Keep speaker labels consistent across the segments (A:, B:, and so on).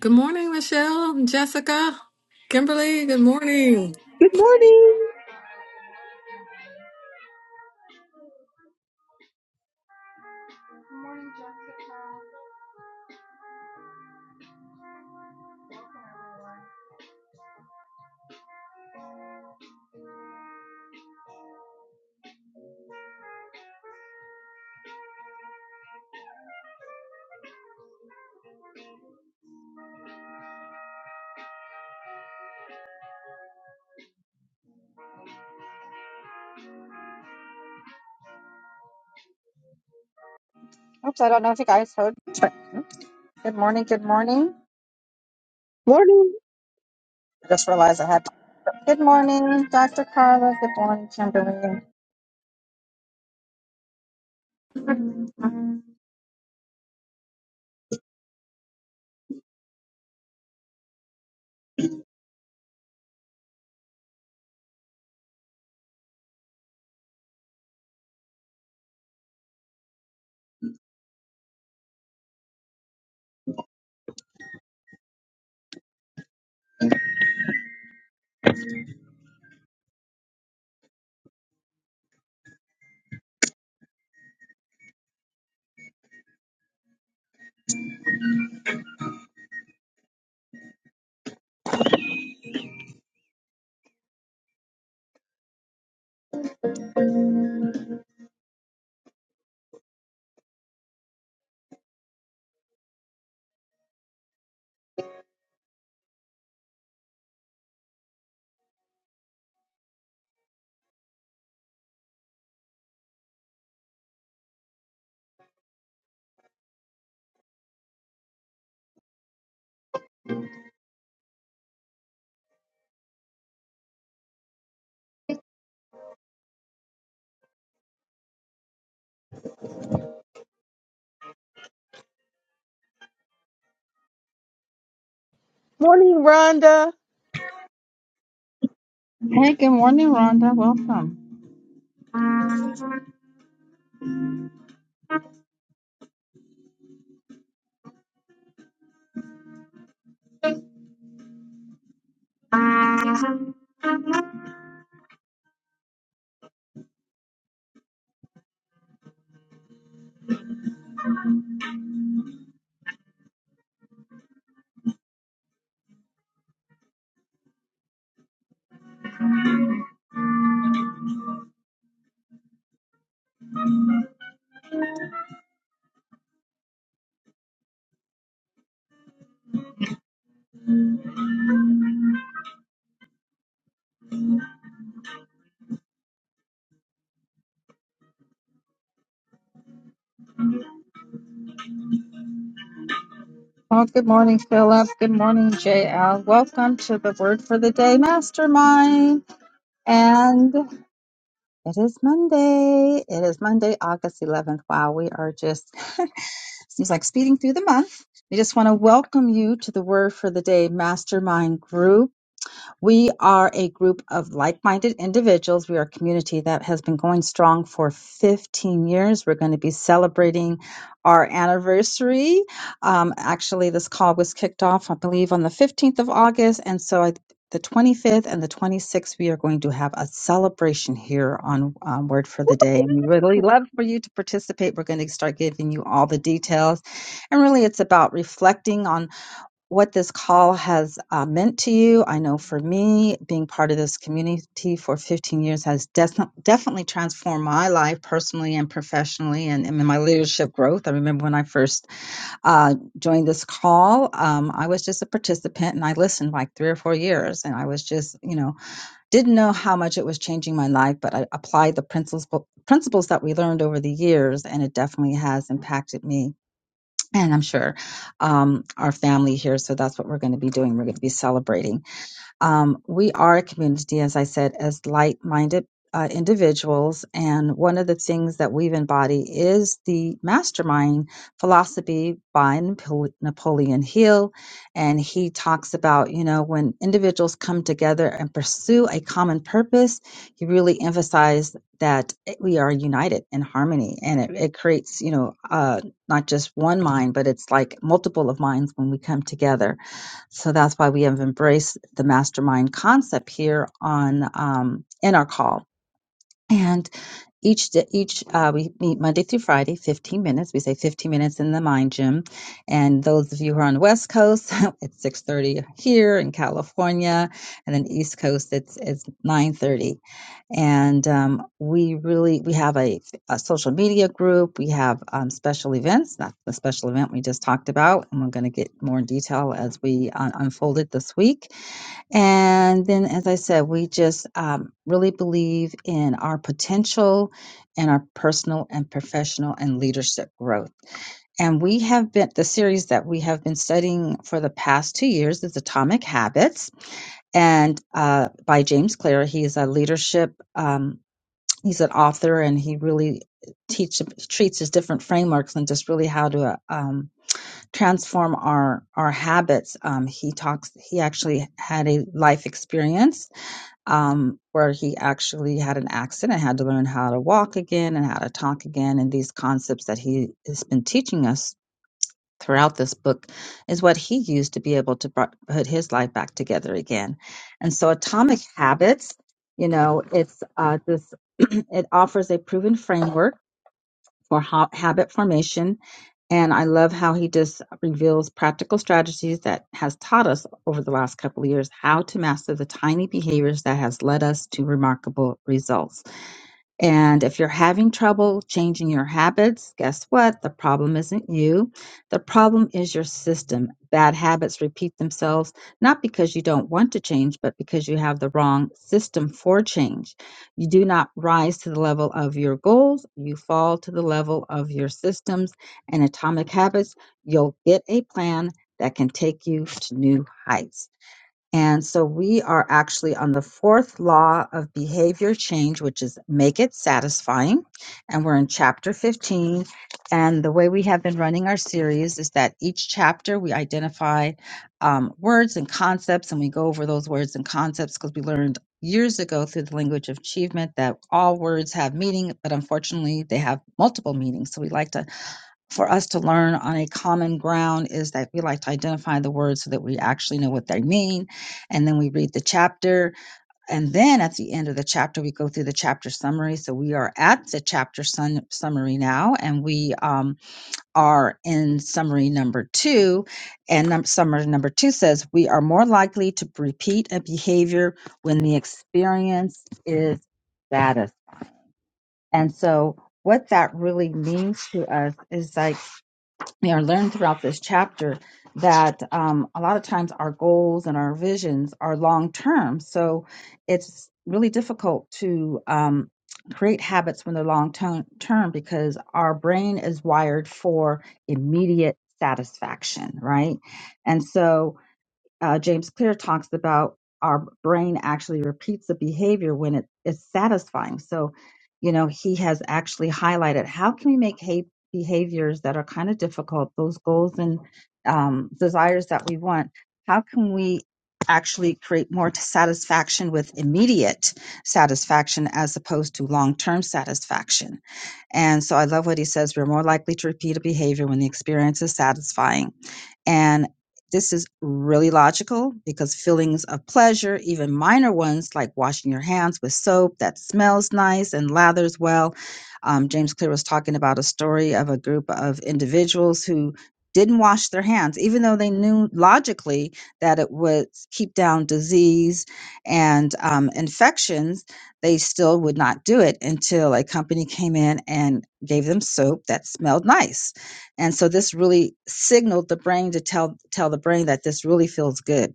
A: Good morning, Michelle, Jessica, Kimberly. Good morning.
B: Good morning.
C: Oops, I don't know if you guys heard. Check. Good morning, good morning.
B: Morning.
C: I just realized I had. Good morning, Dr. Carla. Good morning, Kimberly. Um,
B: Morning, Rhonda.
C: Hey, good morning, Rhonda. Welcome. Oh, good morning, Philip. Good morning, JL. Welcome to the Word for the Day Mastermind. And it is Monday. It is Monday, August 11th. Wow, we are just, seems like speeding through the month. We just want to welcome you to the Word for the Day Mastermind group. We are a group of like minded individuals. We are a community that has been going strong for 15 years. We're going to be celebrating our anniversary. Um, actually, this call was kicked off, I believe, on the 15th of August. And so I the 25th and the 26th, we are going to have a celebration here on um, Word for the Day. And we really love for you to participate. We're going to start giving you all the details. And really, it's about reflecting on what this call has uh, meant to you. I know for me, being part of this community for 15 years has des- definitely transformed my life personally and professionally and, and in my leadership growth. I remember when I first uh, joined this call, um, I was just a participant and I listened like three or four years. And I was just, you know, didn't know how much it was changing my life, but I applied the principles, principles that we learned over the years, and it definitely has impacted me and I'm sure um, our family here. So that's what we're going to be doing. We're going to be celebrating. Um, we are a community, as I said, as light minded uh, individuals. And one of the things that we've embodied is the mastermind philosophy by Napo- Napoleon Hill. And he talks about, you know, when individuals come together and pursue a common purpose, he really emphasized that we are united in harmony and it, it creates, you know, uh, not just one mind, but it's like multiple of minds when we come together so that's why we have embraced the mastermind concept here on um, in our call and each d- each uh, we meet Monday through Friday, 15 minutes. We say 15 minutes in the mind gym. And those of you who are on the West Coast, it's 6:30 here in California, and then East Coast, it's it's 9:30. And um, we really we have a, a social media group. We have um, special events. That's the special event we just talked about, and we're going to get more detail as we uh, unfold it this week and then, as I said, we just um, really believe in our potential and our personal and professional and leadership growth. And we have been, the series that we have been studying for the past two years is Atomic Habits and uh, by James Clear. He's a leadership, um, he's an author, and he really teach, treats his different frameworks and just really how to uh, um, transform our, our habits. Um, he talks, he actually had a life experience um, where he actually had an accident, had to learn how to walk again and how to talk again. And these concepts that he has been teaching us throughout this book is what he used to be able to br- put his life back together again. And so, Atomic Habits, you know, it's uh, this, it offers a proven framework for ha- habit formation and i love how he just reveals practical strategies that has taught us over the last couple of years how to master the tiny behaviors that has led us to remarkable results and if you're having trouble changing your habits, guess what? The problem isn't you. The problem is your system. Bad habits repeat themselves, not because you don't want to change, but because you have the wrong system for change. You do not rise to the level of your goals, you fall to the level of your systems and atomic habits. You'll get a plan that can take you to new heights. And so we are actually on the fourth law of behavior change, which is make it satisfying. And we're in chapter 15. And the way we have been running our series is that each chapter we identify um, words and concepts, and we go over those words and concepts because we learned years ago through the language of achievement that all words have meaning, but unfortunately they have multiple meanings. So we like to for us to learn on a common ground is that we like to identify the words so that we actually know what they mean. And then we read the chapter. And then at the end of the chapter, we go through the chapter summary. So we are at the chapter sun- summary now, and we um, are in summary number two. And num- summary number two says, We are more likely to repeat a behavior when the experience is status. And so what that really means to us is like, we are learned throughout this chapter that um, a lot of times our goals and our visions are long term. So it's really difficult to um, create habits when they're long to- term because our brain is wired for immediate satisfaction, right? And so uh, James Clear talks about our brain actually repeats the behavior when it is satisfying. So, you know, he has actually highlighted how can we make ha- behaviors that are kind of difficult, those goals and um, desires that we want, how can we actually create more satisfaction with immediate satisfaction as opposed to long-term satisfaction. And so I love what he says, we're more likely to repeat a behavior when the experience is satisfying and this is really logical because feelings of pleasure, even minor ones like washing your hands with soap that smells nice and lathers well. Um, James Clear was talking about a story of a group of individuals who didn't wash their hands, even though they knew logically that it would keep down disease and um, infections. They still would not do it until a company came in and gave them soap that smelled nice and so this really signaled the brain to tell tell the brain that this really feels good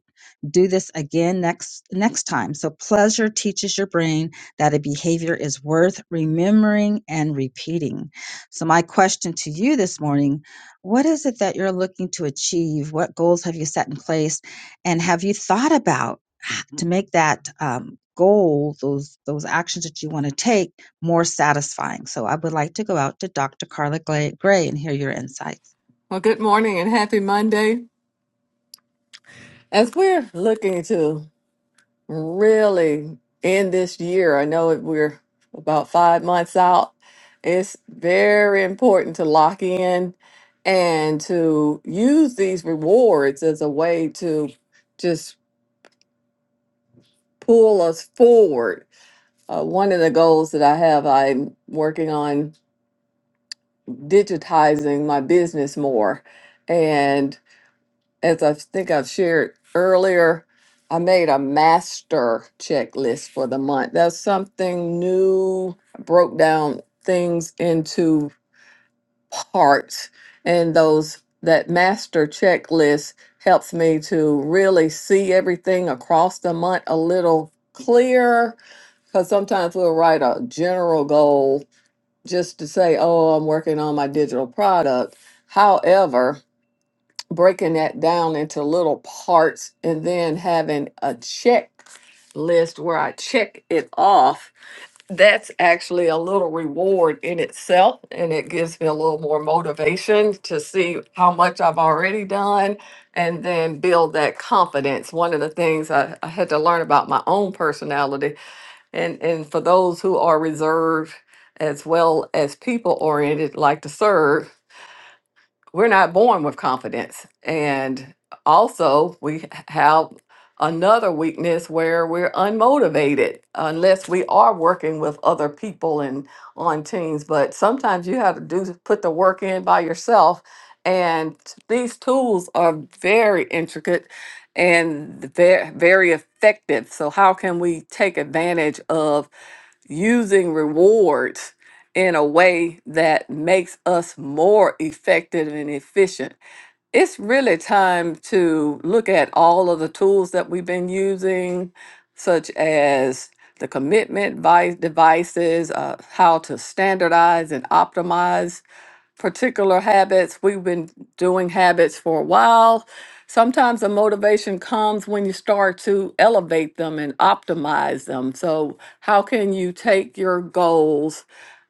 C: do this again next next time. So pleasure teaches your brain that a behavior is worth remembering and repeating. So my question to you this morning, what is it that you're looking to achieve? What goals have you set in place and have you thought about h- to make that um, goal, those those actions that you want to take more satisfying? So I would like to go out to Dr. Carla Gla- Gray and hear your insights.
A: Well, good morning and happy Monday. As we're looking to really end this year, I know that we're about five months out. It's very important to lock in and to use these rewards as a way to just pull us forward. Uh, one of the goals that I have, I'm working on digitizing my business more. And as I think I've shared earlier, I made a master checklist for the month. That's something new. I broke down things into parts, and those that master checklist helps me to really see everything across the month a little clearer because sometimes we'll write a general goal just to say, oh, I'm working on my digital product. However, breaking that down into little parts and then having a checklist where I check it off, that's actually a little reward in itself. And it gives me a little more motivation to see how much I've already done and then build that confidence. One of the things I, I had to learn about my own personality and and for those who are reserved as well as people oriented like to serve we're not born with confidence and also we h- have another weakness where we're unmotivated unless we are working with other people and on teams but sometimes you have to do put the work in by yourself and these tools are very intricate and ve- very effective so how can we take advantage of using rewards in a way that makes us more effective and efficient. It's really time to look at all of the tools that we've been using, such as the commitment vi- devices, uh, how to standardize and optimize particular habits. We've been doing habits for a while. Sometimes the motivation comes when you start to elevate them and optimize them. So, how can you take your goals?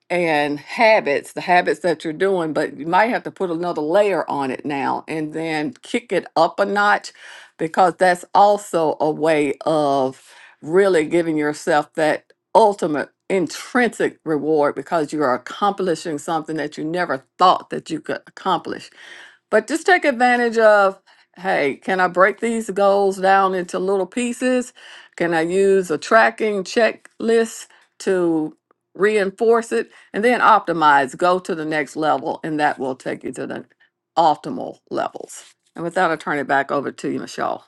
A: and habits, the habits that you're doing, but you might have to put another layer on it now and then kick it up a notch because that's also a way of really giving yourself that ultimate intrinsic reward because you are accomplishing something that you never thought that you could accomplish. But just take advantage of hey, can I break these goals down into little pieces? Can I use a tracking checklist to reinforce it? And then optimize, go to the next level, and that will take you to the optimal levels. And with that, I'll turn it back over to you, Michelle.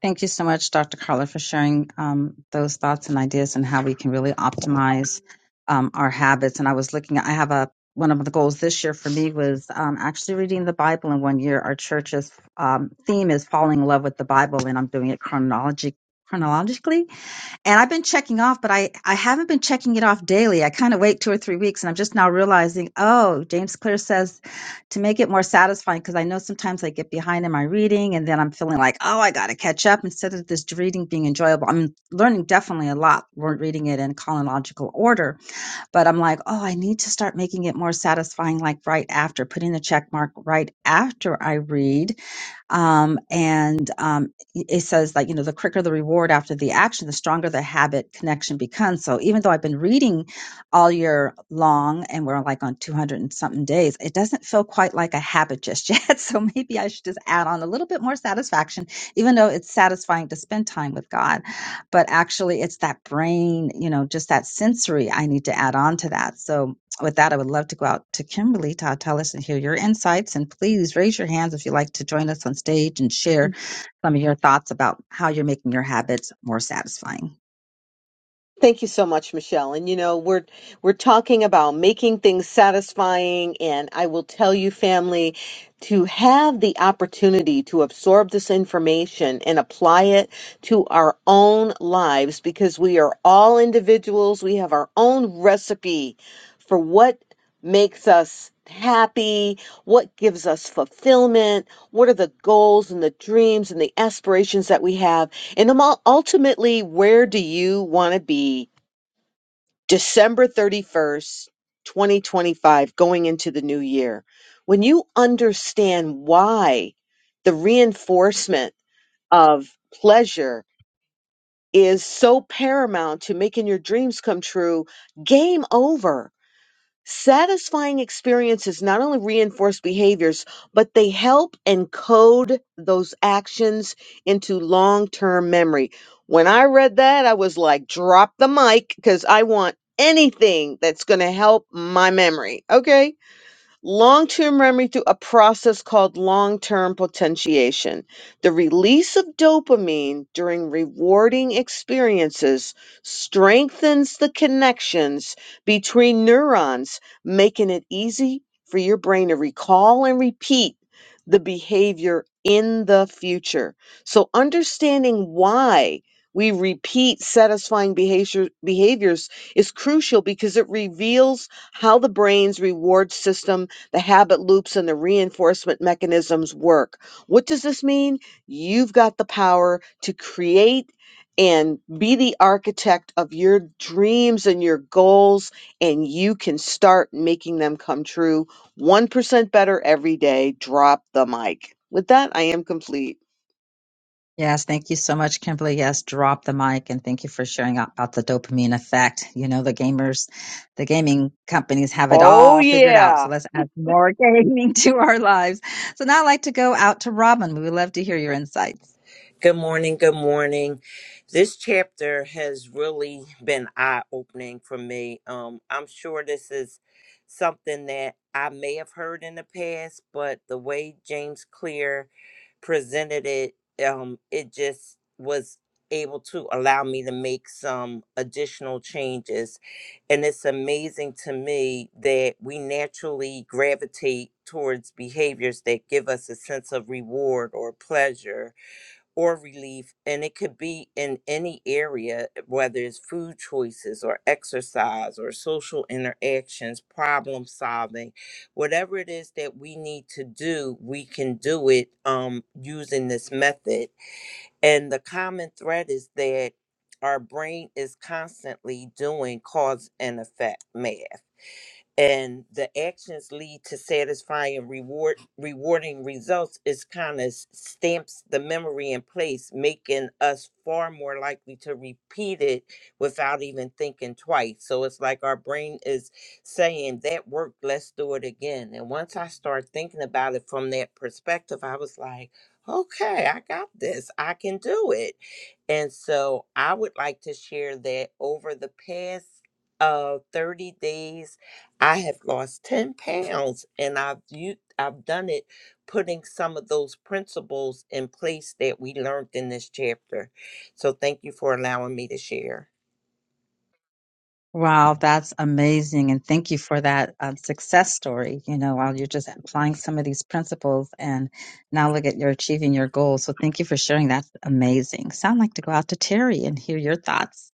C: Thank you so much, Dr. Carla, for sharing um, those thoughts and ideas and how we can really optimize um, our habits. And I was looking, I have a one of the goals this year for me was um, actually reading the Bible in one year. Our church's um, theme is falling in love with the Bible, and I'm doing it chronologi- chronologically and I've been checking off, but I, I haven't been checking it off daily. I kind of wait two or three weeks and I'm just now realizing, oh, James Clear says to make it more satisfying because I know sometimes I get behind in my reading and then I'm feeling like, oh, I got to catch up instead of this reading being enjoyable. I'm learning definitely a lot. We're reading it in chronological order, but I'm like, oh, I need to start making it more satisfying, like right after, putting the check mark right after I read um, and um, it says like, you know, the quicker the reward after the action, the stronger the habit connection becomes. So even though I've been reading all year long and we're like on 200 and something days, it doesn't feel quite like a habit just yet. So maybe I should just add on a little bit more satisfaction, even though it's satisfying to spend time with God. But actually, it's that brain, you know, just that sensory I need to add on to that. So with that, I would love to go out to Kimberly to uh, tell us and hear your insights. And please raise your hands if you'd like to join us on stage and share some of your thoughts about how you're making your habits more satisfying.
B: Thank you so much, Michelle. And you know, we're we're talking about making things satisfying and I will tell you family to have the opportunity to absorb this information and apply it to our own lives because we are all individuals. We have our own recipe for what makes us happy, what gives us fulfillment, what are the goals and the dreams and the aspirations that we have and um, ul- ultimately, where do you want to be December 31st, 2025, going into the new year? When you understand why the reinforcement of pleasure is so paramount to making your dreams come true, game over Satisfying experiences not only reinforce behaviors, but they help encode those actions into long term memory. When I read that, I was like, drop the mic because I want anything that's going to help my memory. Okay long term memory through a process called long term potentiation. The release of dopamine during rewarding experiences strengthens the connections between neurons, making it easy for your brain to recall and repeat the behavior in the future. So, understanding why. We repeat satisfying behavior, behaviors is crucial because it reveals how the brain's reward system the habit loops and the reinforcement mechanisms work. What does this mean? You've got the power to create and be the architect of your dreams and your goals, and you can start making them come true 1% better every day. Drop the mic. With that, I am complete.
C: Yes, thank you so much, Kimberly. Yes, drop the mic and thank you for sharing out about the dopamine effect. You know, the gamers, the gaming companies have it
B: Oh,
C: all figured out.
B: yeah.
C: So let's add more gaming to our lives. So now I'd like to go out to Robin. We would love to hear your insights.
D: Good morning. Good morning. This chapter has really been eye opening for me. Um, I'm sure this is something that I may have heard in the past, but the way James Clear presented it, um, it just was able to allow me to make some additional changes. And it's amazing to me that we naturally gravitate towards behaviors that give us a sense of reward or pleasure or relief and it could be in any area whether it's food choices or exercise or social interactions problem solving whatever it is that we need to do we can do it um, using this method and the common thread is that our brain is constantly doing cause and effect math and the actions lead to satisfying reward rewarding results is kind of stamps the memory in place making us far more likely to repeat it without even thinking twice so it's like our brain is saying that worked let's do it again and once i start thinking about it from that perspective i was like okay i got this i can do it and so i would like to share that over the past uh 30 days I have lost 10 pounds and I've u- I've done it putting some of those principles in place that we learned in this chapter. So thank you for allowing me to share.
C: Wow, that's amazing. And thank you for that um, success story. You know, while you're just applying some of these principles and now look at you're achieving your goals. So thank you for sharing. That's amazing. Sound like to go out to Terry and hear your thoughts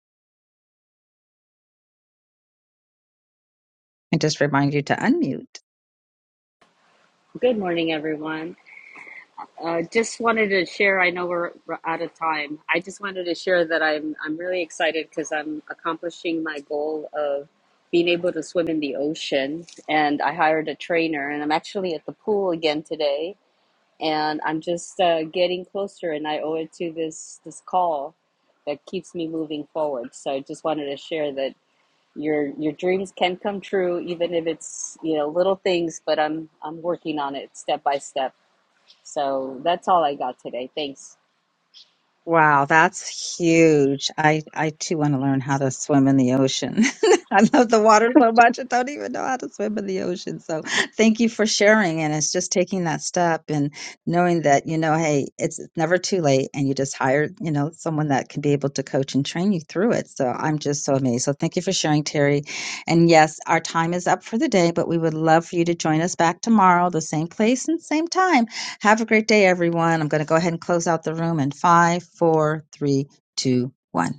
C: and just remind you to unmute.
E: Good morning, everyone. Uh, just wanted to share. I know we're, we're out of time. I just wanted to share that I'm I'm really excited because I'm accomplishing my goal of being able to swim in the ocean. And I hired a trainer, and I'm actually at the pool again today. And I'm just uh, getting closer, and I owe it to this this call that keeps me moving forward. So I just wanted to share that your your dreams can come true, even if it's you know little things. But I'm I'm working on it step by step. So that's all I got today. Thanks.
C: Wow, that's huge. I, I too want to learn how to swim in the ocean. I love the water so much. I don't even know how to swim in the ocean. So thank you for sharing. And it's just taking that step and knowing that, you know, hey, it's it's never too late. And you just hire, you know, someone that can be able to coach and train you through it. So I'm just so amazed. So thank you for sharing, Terry. And yes, our time is up for the day, but we would love for you to join us back tomorrow, the same place and same time. Have a great day, everyone. I'm going to go ahead and close out the room in five, four, three, two, one.